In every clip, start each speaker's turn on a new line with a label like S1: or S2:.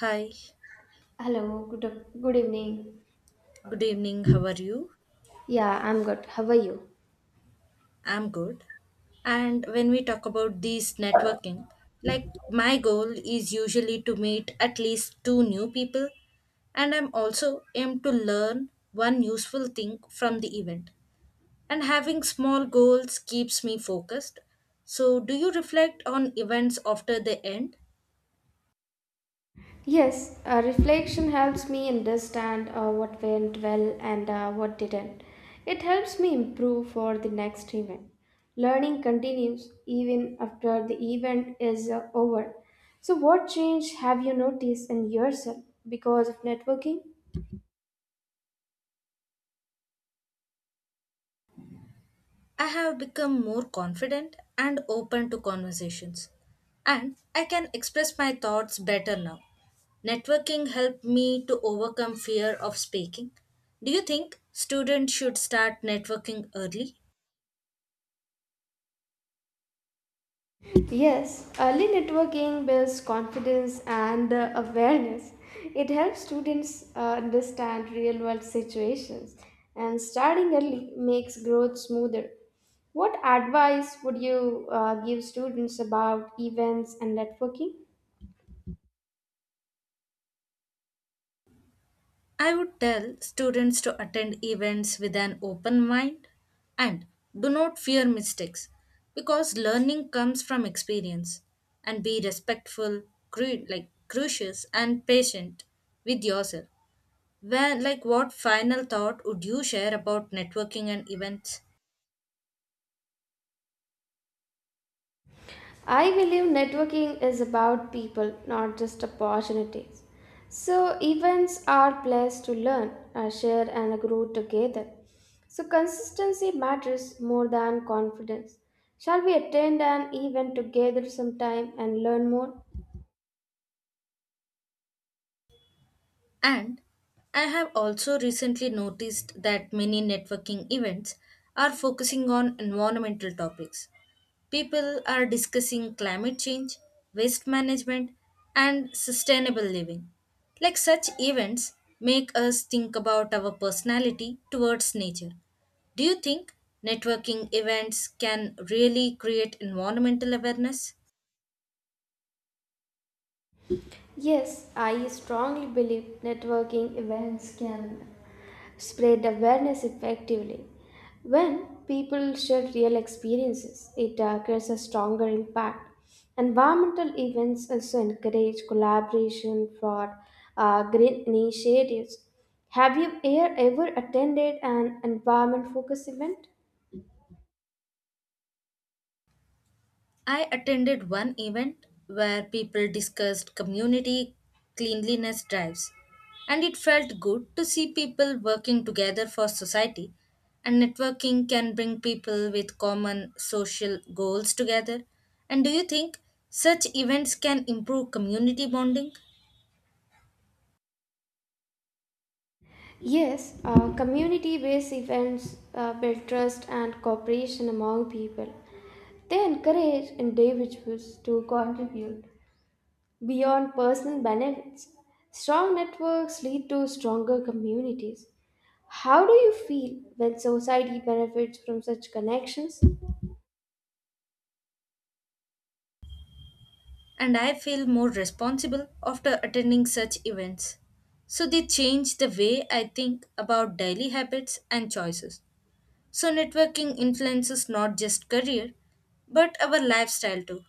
S1: Hi,
S2: Hello, good evening.
S1: good evening. How are you?
S2: Yeah, I'm good. How are you?
S1: I'm good. And when we talk about these networking, like my goal is usually to meet at least two new people, and I'm also aim to learn one useful thing from the event. And having small goals keeps me focused. So, do you reflect on events after they end?
S2: Yes, reflection helps me understand what went well and what didn't. It helps me improve for the next event. Learning continues even after the event is over. So, what change have you noticed in yourself because of networking?
S1: I have become more confident and open to conversations, and I can express my thoughts better now. Networking helped me to overcome fear of speaking. Do you think students should start networking early?
S2: Yes, early networking builds confidence and awareness. It helps students understand real world situations, and starting early makes growth smoother. What advice would you give students about events and networking?
S1: I would tell students to attend events with an open mind and do not fear mistakes because learning comes from experience and be respectful, like gracious and patient with yourself. Well, like what final thought would you share about networking and events?
S2: I believe networking is about people, not just opportunities. So, events are places to learn, share, and grow together. So, consistency matters more than confidence. Shall we attend an event together sometime and learn more?
S1: And I have also recently noticed that many networking events are focusing on environmental topics. People are discussing climate change, waste management, and sustainable living. Like such events make us think about our personality towards nature. Do you think networking events can really create environmental awareness?
S2: Yes, I strongly believe networking events can spread awareness effectively. When people share real experiences, it creates a stronger impact. Environmental events also encourage collaboration for green initiatives. Have you ever attended an environment focused event?
S1: I attended one event where people discussed community cleanliness drives, and it felt good to see people working together for society. And networking can bring people with common social goals together. And do you think such events can improve community bonding?
S2: Yes, community based events build trust and cooperation among people. They encourage individuals to contribute beyond personal benefits. Strong networks lead to stronger communities. How do you feel when society benefits from such connections?
S1: And I feel more responsible after attending such events. So they change the way I think about daily habits and choices. So, networking influences not just career, but our lifestyle too.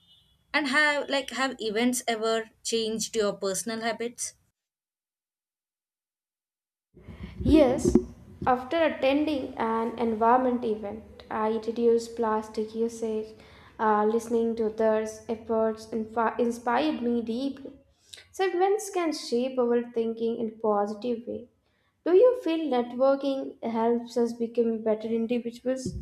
S1: And have events ever changed your personal habits?
S2: Yes, after attending an environment event, I reduced plastic usage. Listening to others' efforts inspired me deeply. So, events can shape our thinking in a positive way. Do you feel networking helps us become better individuals?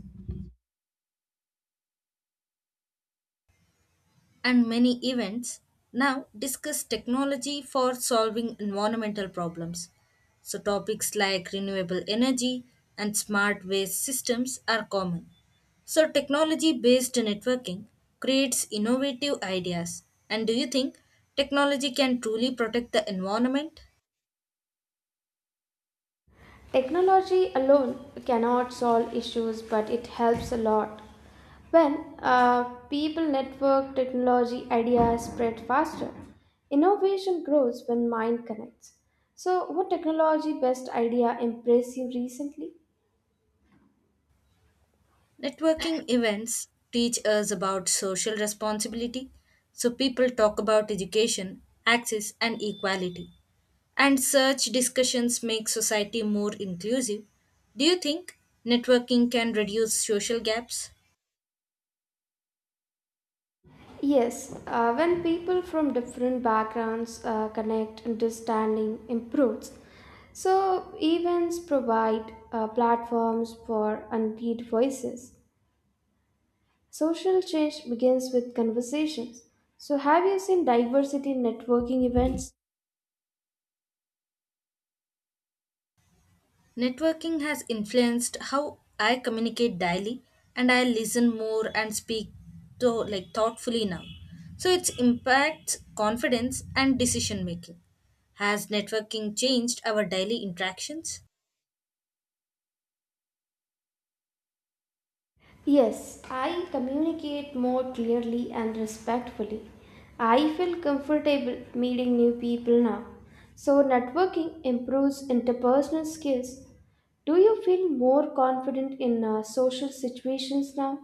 S1: And many events now discuss technology for solving environmental problems. So topics like renewable energy and smart waste systems are common. So technology-based networking creates innovative ideas. And do you think technology can truly protect the environment?
S2: Technology alone cannot solve issues, but it helps a lot. When, uh, people network, technology ideas spread faster. Innovation grows when mind connects. So, what technology best idea impressed you recently?
S1: Networking events teach us about social responsibility, so people talk about education, access and equality. And such discussions make society more inclusive. Do you think networking can reduce social gaps?
S2: Yes, when people from different backgrounds connect, understanding improves. So, events provide platforms for unpaid voices. Social change begins with conversations. So, have you seen diversity in networking events?
S1: Networking has influenced how I communicate daily and I listen more and speak to like thoughtfully now. So it impacts confidence and decision making. Has networking changed our daily interactions?
S2: Yes, I communicate more clearly and respectfully. I feel comfortable meeting new people now. So, networking improves interpersonal skills. Do you feel more confident in social situations now?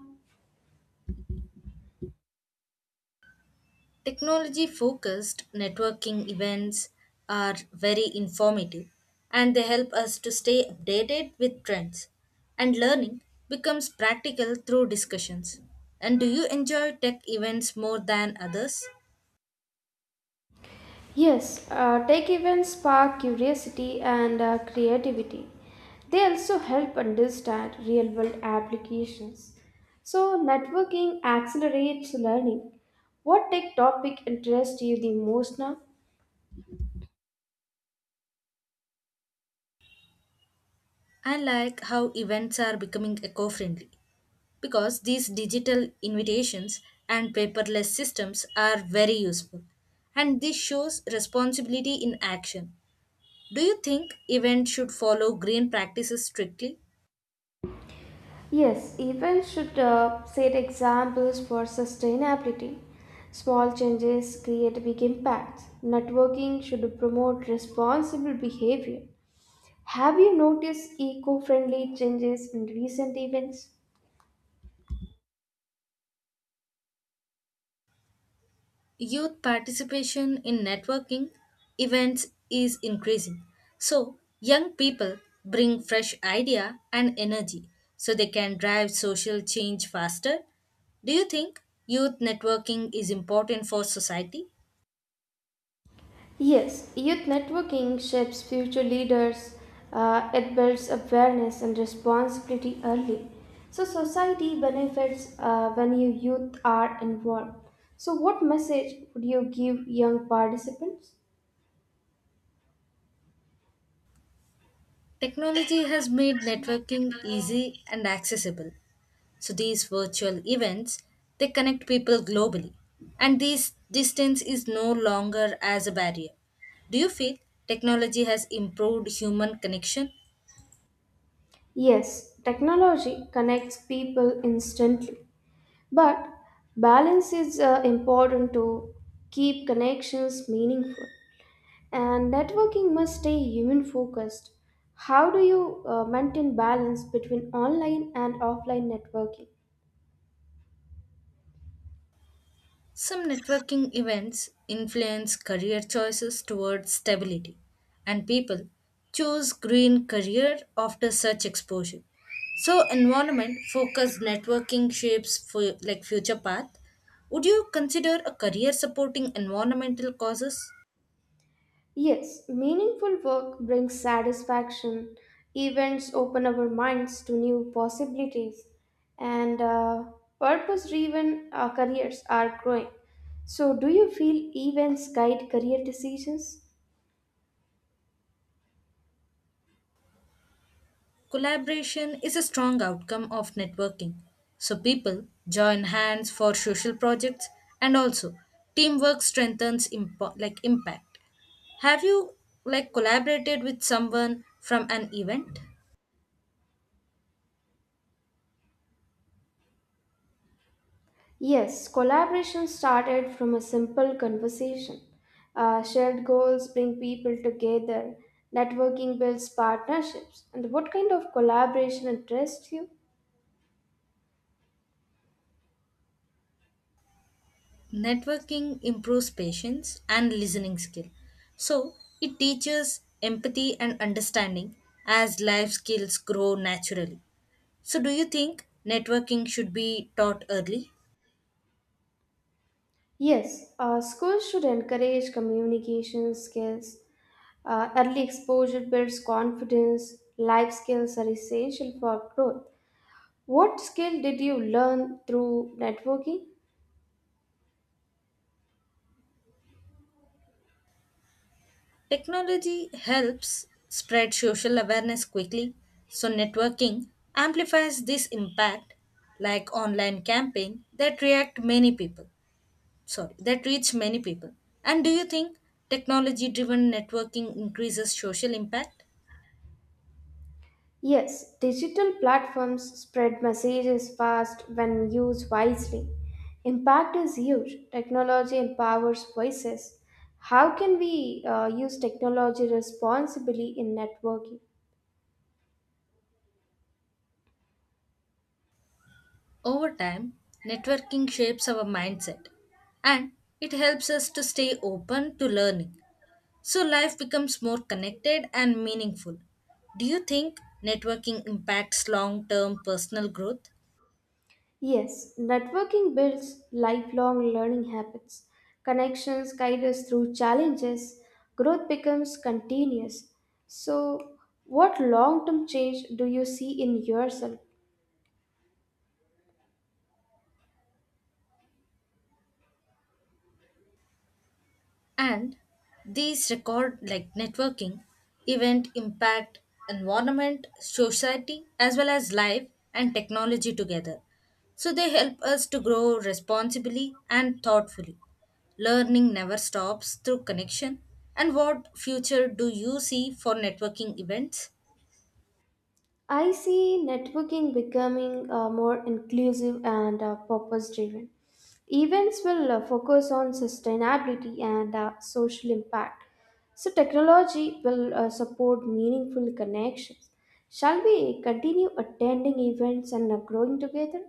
S1: Technology focused networking events are very informative and they help us to stay updated with trends and learning becomes practical through discussions. And do you enjoy tech events more than others?
S2: Yes, tech events spark curiosity and creativity. They also help understand real world applications. So, networking accelerates learning. What tech topic interests you the most now?
S1: I like how events are becoming eco friendly because these digital invitations and paperless systems are very useful. And this shows responsibility in action. Do you think events should follow green practices strictly?
S2: Yes, events should set examples for sustainability. Small changes create big impacts. Networking should promote responsible behavior. Have you noticed eco friendly changes in recent events?
S1: Youth participation in networking events is increasing. So, young people bring fresh idea and energy so they can drive social change faster. Do you think youth networking is important for society?
S2: Yes, youth networking shapes future leaders. It builds awareness and responsibility early. So, society benefits when you youth are involved. So, what message would you give young participants?
S1: Technology has made networking easy and accessible. So these virtual events they connect people globally and this distance is no longer as a barrier. Do you feel technology has improved human connection?
S2: Yes, technology connects people instantly, but balance is important to keep connections meaningful. And networking must stay human focused. How do you maintain balance between online and offline networking?
S1: Some networking events influence career choices towards stability, and people choose green career after such exposure. So, environment focused networking shapes for like future path. Would you consider a career supporting environmental causes?
S2: Yes, meaningful work brings satisfaction. Events open our minds to new possibilities, and purpose driven careers are growing. So, do you feel events guide career decisions?
S1: Collaboration is a strong outcome of networking. So people join hands for social projects and also teamwork strengthens like impact. Have you like collaborated with someone from an event?
S2: Yes, collaboration started from a simple conversation. Shared goals bring people together. Networking builds partnerships. And what kind of collaboration interests you?
S1: Networking improves patience and listening skill. So, it teaches empathy and understanding as life skills grow naturally. So, do you think networking should be taught early?
S2: Yes, schools should encourage communication skills. Early exposure builds confidence. Life skills are essential for growth. What skill did you learn through networking?
S1: Technology helps spread social awareness quickly, so networking amplifies this impact like online campaign that react many people. Sorry, that reach many people? And do you think technology driven networking increases social impact?
S2: Yes, digital platforms spread messages fast when used wisely. Impact is huge. Technology empowers voices. How can we use technology responsibly in networking?
S1: Over time, networking shapes our mindset and it helps us to stay open to learning. So life becomes more connected and meaningful. Do you think networking impacts long term personal growth?
S2: Yes, networking builds lifelong learning habits. Connections guide us through challenges. Growth becomes continuous. So, what long term change do you see in yourself?
S1: And these record like networking event impact environment society as well as life and technology together, so they help us to grow responsibly and thoughtfully. Learning never stops through connection. And what future do you see for networking events?
S2: I see networking becoming more inclusive and purpose driven. Events will focus on sustainability and social impact. So, technology will support meaningful connections. Shall we continue attending events and growing together?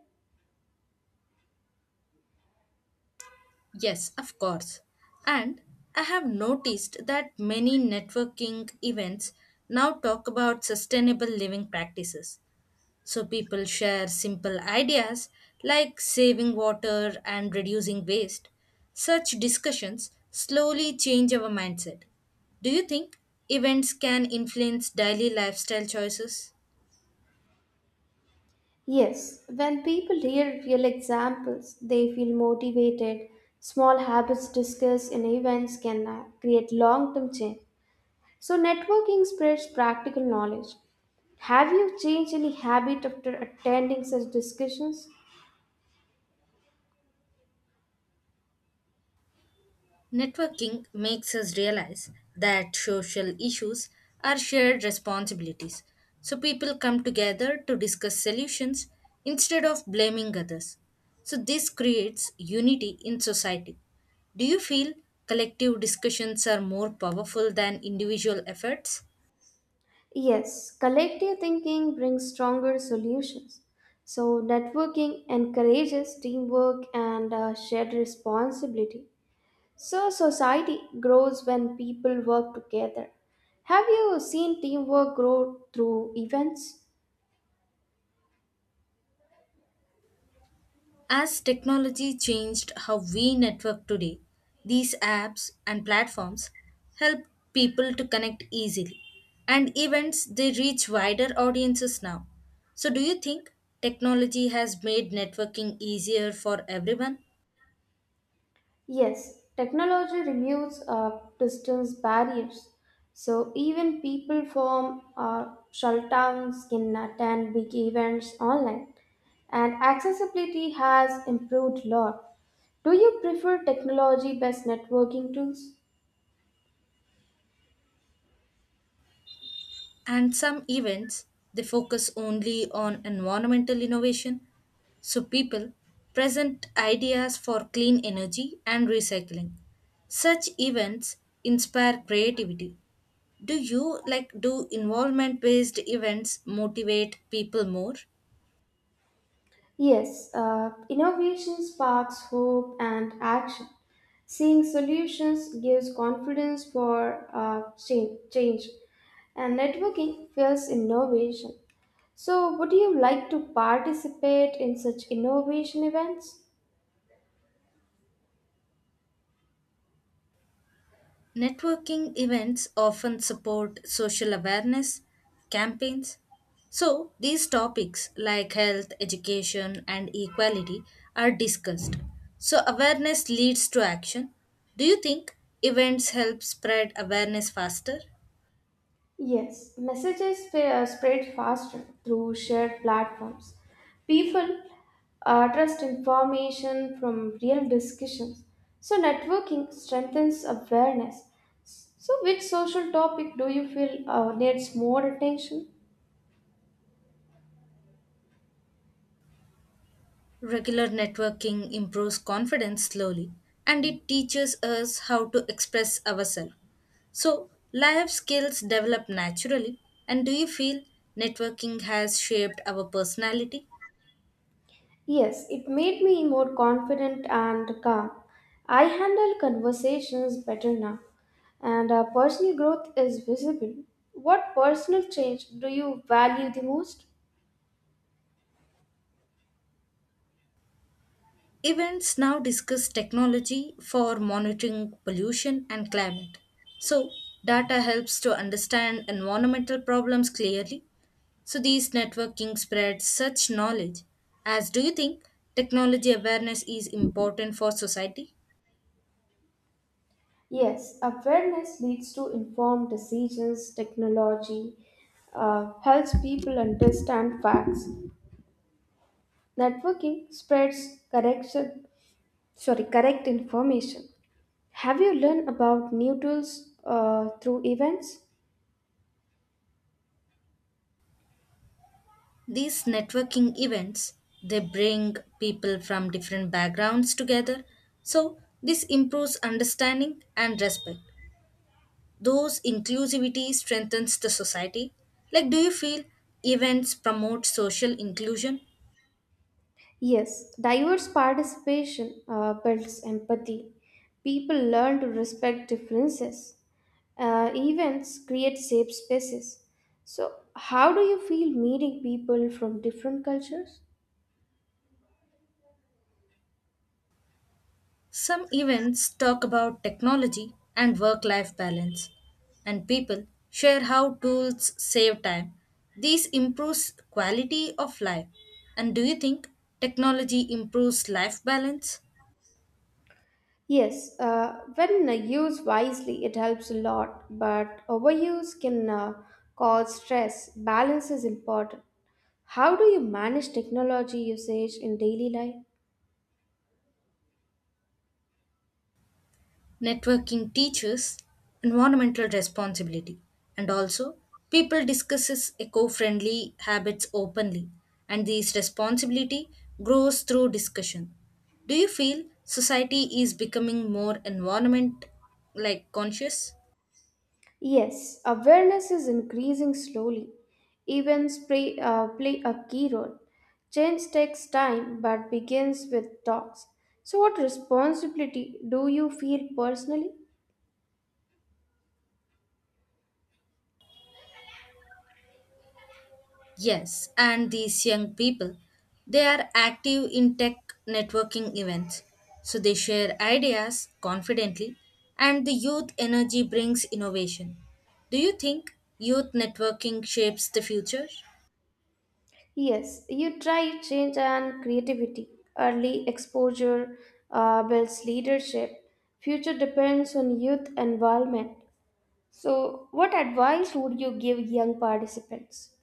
S1: Yes, of course. And I have noticed that many networking events now talk about sustainable living practices. So people share simple ideas like saving water and reducing waste. Such discussions slowly change our mindset. Do you think events can influence daily lifestyle choices?
S2: Yes, when people hear real examples, they feel motivated. Small habits discussed in events can create long term change. So, networking spreads practical knowledge. Have you changed any habit after attending such discussions?
S1: Networking makes us realize that social issues are shared responsibilities. So people come together to discuss solutions instead of blaming others. So this creates unity in society. Do you feel collective discussions are more powerful than individual efforts?
S2: Yes, collective thinking brings stronger solutions. So, networking encourages teamwork and shared responsibility. So, society grows when people work together. Have you seen teamwork grow through events?
S1: As technology changed how we network today, these apps and platforms help people to connect easily. And events, they reach wider audiences now. So, do you think technology has made networking easier for everyone?
S2: Yes, technology removes distance barriers. So even people from shell towns can attend big events online, and accessibility has improved a lot. Do you prefer technology-based networking tools?
S1: And some events, they focus only on environmental innovation. So, people present ideas for clean energy and recycling. Such events inspire creativity. Do you like do involvement based events motivate people more?
S2: Yes, innovation sparks hope and action. Seeing solutions gives confidence for change, and networking fuels innovation. So, would you like to participate in such innovation events?
S1: Networking events often support social awareness campaigns, so these topics like health education and equality are discussed, so awareness leads to action. Do you think events help spread awareness faster?
S2: Yes, messages spread faster through shared platforms. People trust information from real discussions. So, networking strengthens awareness. So, which social topic do you feel needs more attention?
S1: Regular networking improves confidence slowly and it teaches us how to express ourselves. So, life skills develop naturally. And do you feel networking has shaped our personality?
S2: Yes, it made me more confident and calm. I handle conversations better now, and our personal growth is visible. What personal change do you value the most?
S1: Events now discuss technology for monitoring pollution and climate. So, data helps to understand environmental problems clearly. So, these networking spreads such knowledge. As do you think technology awareness is important for society?
S2: Yes, awareness leads to informed decisions. Technology helps people understand facts. Networking spreads correction, sorry, correct information. Have you learned about new tools through events?
S1: These networking events they bring people from different backgrounds together. So, this improves understanding and respect. Those inclusivity strengthens the society. Like do you feel events promote social inclusion?
S2: Yes, diverse participation builds empathy. People learn to respect differences. Events create safe spaces. So, how do you feel meeting people from different cultures?
S1: Some events talk about technology and work life balance, and people share how tools save time. These improves quality of life. And do you think technology improves life balance?
S2: Yes, when used wisely, it helps a lot, but overuse can, cause stress. Balance is important. How do you manage technology usage in daily life?
S1: Networking teaches environmental responsibility and also people discusses eco-friendly habits openly, and this responsibility grows through discussion. Do you feel society is becoming more environment like conscious?
S2: Yes, awareness is increasing slowly. Events play a key role. Change takes time but begins with talks. So, what responsibility do you feel personally?
S1: Yes, and these young people, they are active in tech networking events. So they share ideas confidently, and the youth energy brings innovation. Do you think youth networking shapes the future?
S2: Yes, you try change and creativity. Early exposure builds leadership. Future depends on youth involvement. So, what advice would you give young participants?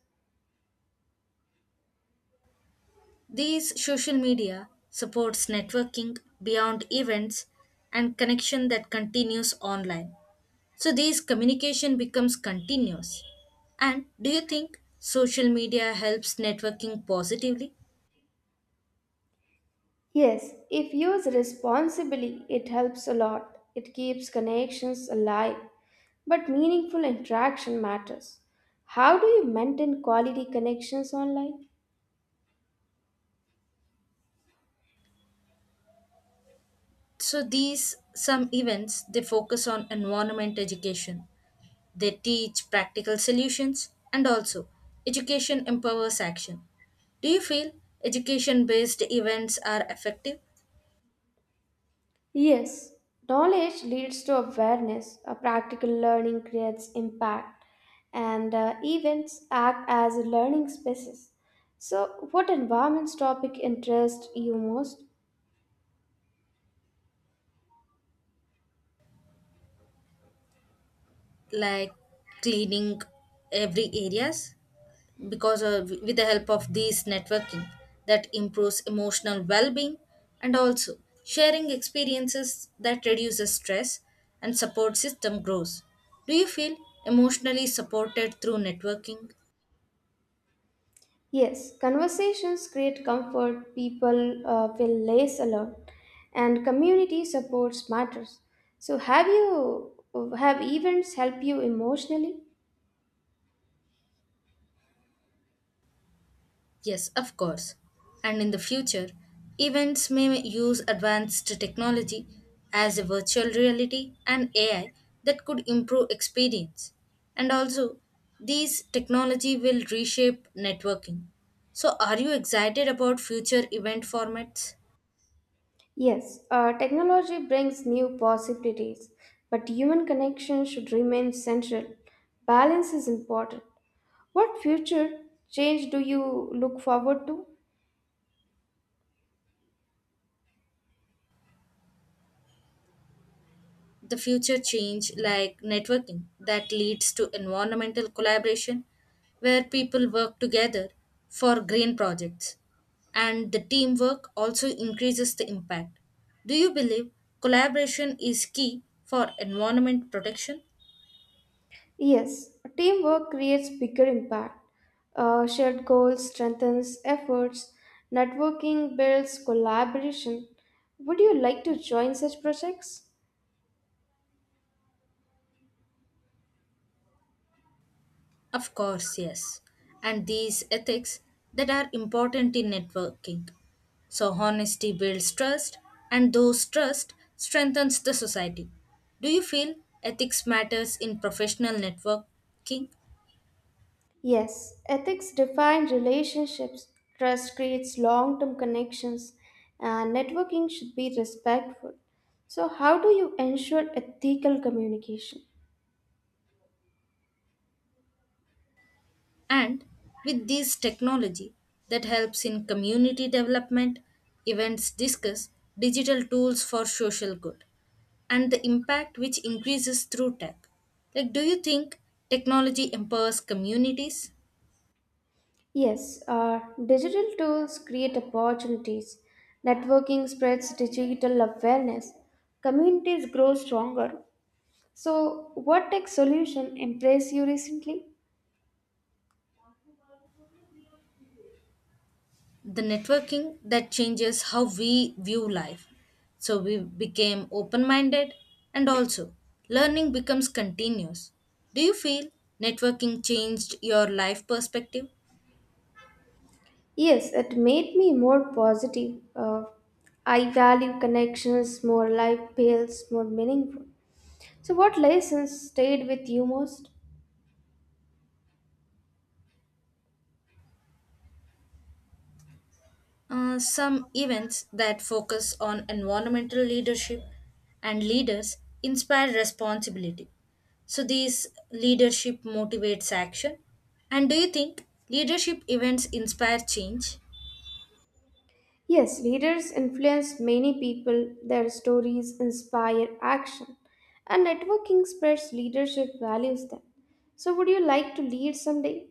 S1: These social media supports networking beyond events and connection that continues online. So these communication becomes continuous. And do you think social media helps networking positively?
S2: Yes, if used responsibly, it helps a lot. It keeps connections alive. But meaningful interaction matters. How do you maintain quality connections online?
S1: So these some events they focus on environment education. They teach practical solutions and also education empowers action. Do you feel education based events are effective?
S2: Yes, knowledge leads to awareness, a practical learning creates impact, and events act as learning spaces. So, what environments topic interest you most?
S1: Like cleaning every areas because of, with the help of these networking that improves emotional well-being and also sharing experiences that reduces stress and support system grows. Do you feel emotionally supported through networking?
S2: Yes, conversations create comfort, people feel less alone, and community supports matters. So, have events help you emotionally?
S1: Yes, of course. And in the future, events may use advanced technology as a virtual reality and AI that could improve experience. And also, these technology will reshape networking. So, are you excited about future event formats?
S2: Yes, technology brings new possibilities, but human connection should remain central. Balance is important. What future change do you look forward to?
S1: The future change like networking that leads to environmental collaboration where people work together for green projects, and the teamwork also increases the impact. Do you believe collaboration is key for environment protection?
S2: Yes, teamwork creates bigger impact. Shared goals strengthens efforts. Networking builds collaboration. Would you like to join such projects?
S1: Of course, yes. And these ethics that are important in networking. So honesty builds trust and those trust strengthens the society. Do you feel ethics matters in professional networking?
S2: Yes, ethics define relationships. Trust creates long-term connections, and networking should be respectful. So, how do you ensure ethical communication?
S1: And with this technology that helps in community development, events discuss digital tools for social good and the impact which increases through tech. Like do you think technology empowers communities?
S2: Yes, digital tools create opportunities. Networking spreads digital awareness. Communities grow stronger. So, what tech solution impressed you recently?
S1: The networking that changes how we view life. So we became open minded and also learning becomes continuous. Do you feel networking changed your life perspective?
S2: Yes, it made me more positive. I value connections more, life feels more meaningful. So, what lessons stayed with you most?
S1: Some events that focus on environmental leadership and leaders inspire responsibility. So these leadership motivates action. And do you think leadership events inspire change?
S2: Yes, leaders influence many people, their stories inspire action, and networking spreads leadership values then. So, would you like to lead someday?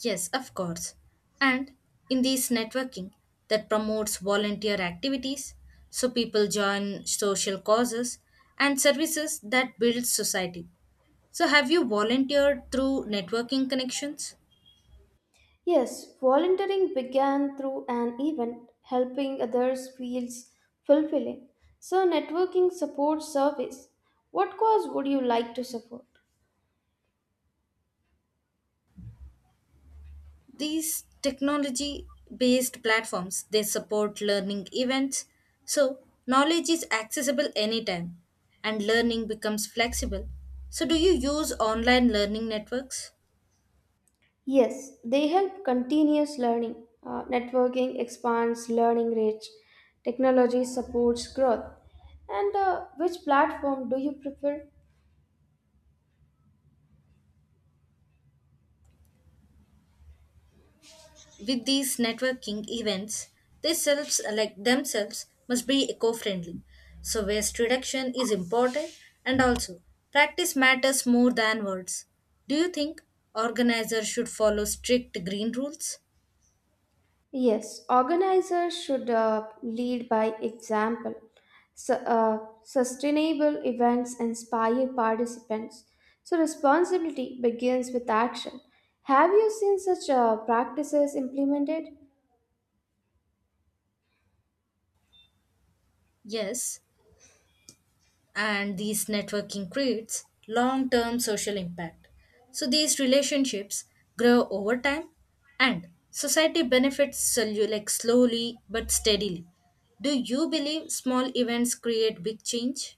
S1: Yes, of course. And in this networking that promotes volunteer activities, so people join social causes and services that build society. So have you volunteered through networking connections?
S2: Yes, volunteering began through an event, helping others feels fulfilling. So, networking supports service. What cause would you like to support?
S1: These technology based platforms they support learning events. So knowledge is accessible anytime and learning becomes flexible. So do you use online learning networks?
S2: Yes, they help continuous learning. Networking expands learning reach. Technology supports growth. And which platform do you prefer?
S1: With these networking events, they selves like themselves must be eco-friendly. So waste reduction is important and also practice matters more than words. Do you think organizers should follow strict green rules?
S2: Yes, organizers should lead by example. Sustainable events inspire participants. So responsibility begins with action. Have you seen such practices implemented?
S1: Yes, and these networking creates long-term social impact. So these relationships grow over time and society benefits like slowly but steadily. Do you believe small events create big change?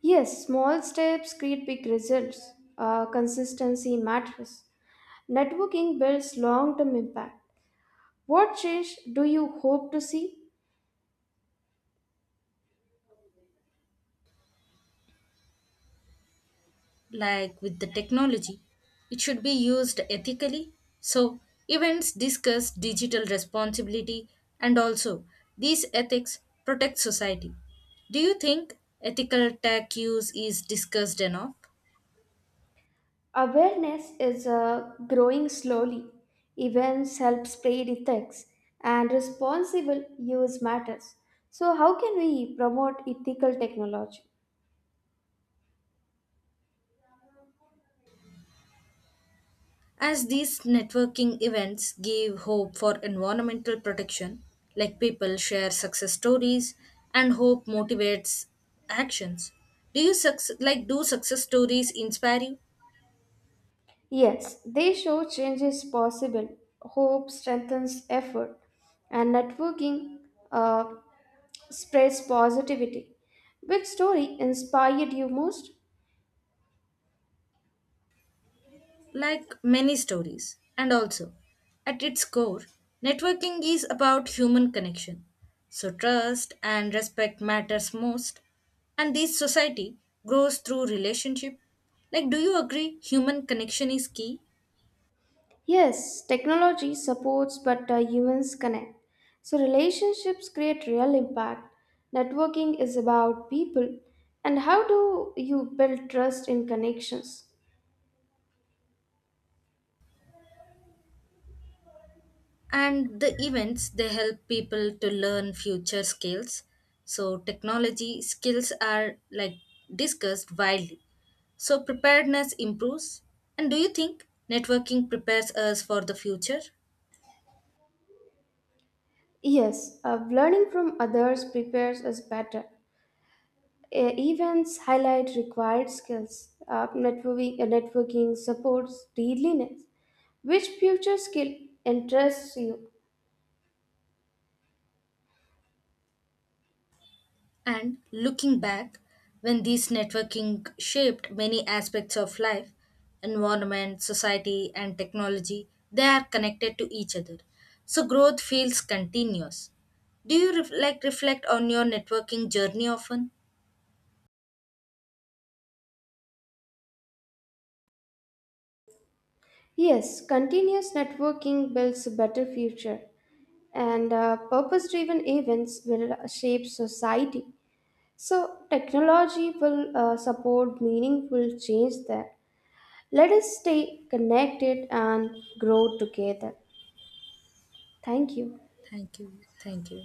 S2: Yes, small steps create big results. Consistency matters. Networking builds long term impact. What change do you hope to see?
S1: Like with the technology, it should be used ethically. So events discuss digital responsibility and also these ethics protect society. Do you think ethical tech use is discussed enough?
S2: Awareness is growing slowly. Events help spread ethics, and responsible use matters. So, how can we promote ethical technology?
S1: As these networking events give hope for environmental protection, like people share success stories and hope motivates actions. Do you like do success stories inspire you?
S2: Yes, they show change is possible. Hope strengthens effort, and networking. Uh, spreads positivity. Which story inspired you most?
S1: Like many stories. And also, at its core, networking is about human connection. So trust and respect matters most and this society grows through relationship. Like do you agree human connection is key?
S2: Yes, technology supports, but humans connect. So, relationships create real impact. Networking is about people. And how do you build trust in connections?
S1: And the events they help people to learn future skills, so technology skills are like discussed widely, so preparedness improves. And do you think networking prepares us for the future?
S2: Yes, learning from others prepares us better. Events highlight required skills. Networking supports readiness. Which future skill interests you?
S1: And looking back, when these networking shaped many aspects of life, environment, society, and technology, they are connected to each other. So growth feels continuous. Do you like reflect on your networking journey often?
S2: Yes, continuous networking builds a better future, and purpose driven events will shape society. So, technology will support meaningful change there. Let us stay connected and grow together. Thank you.
S1: Thank you. Thank you.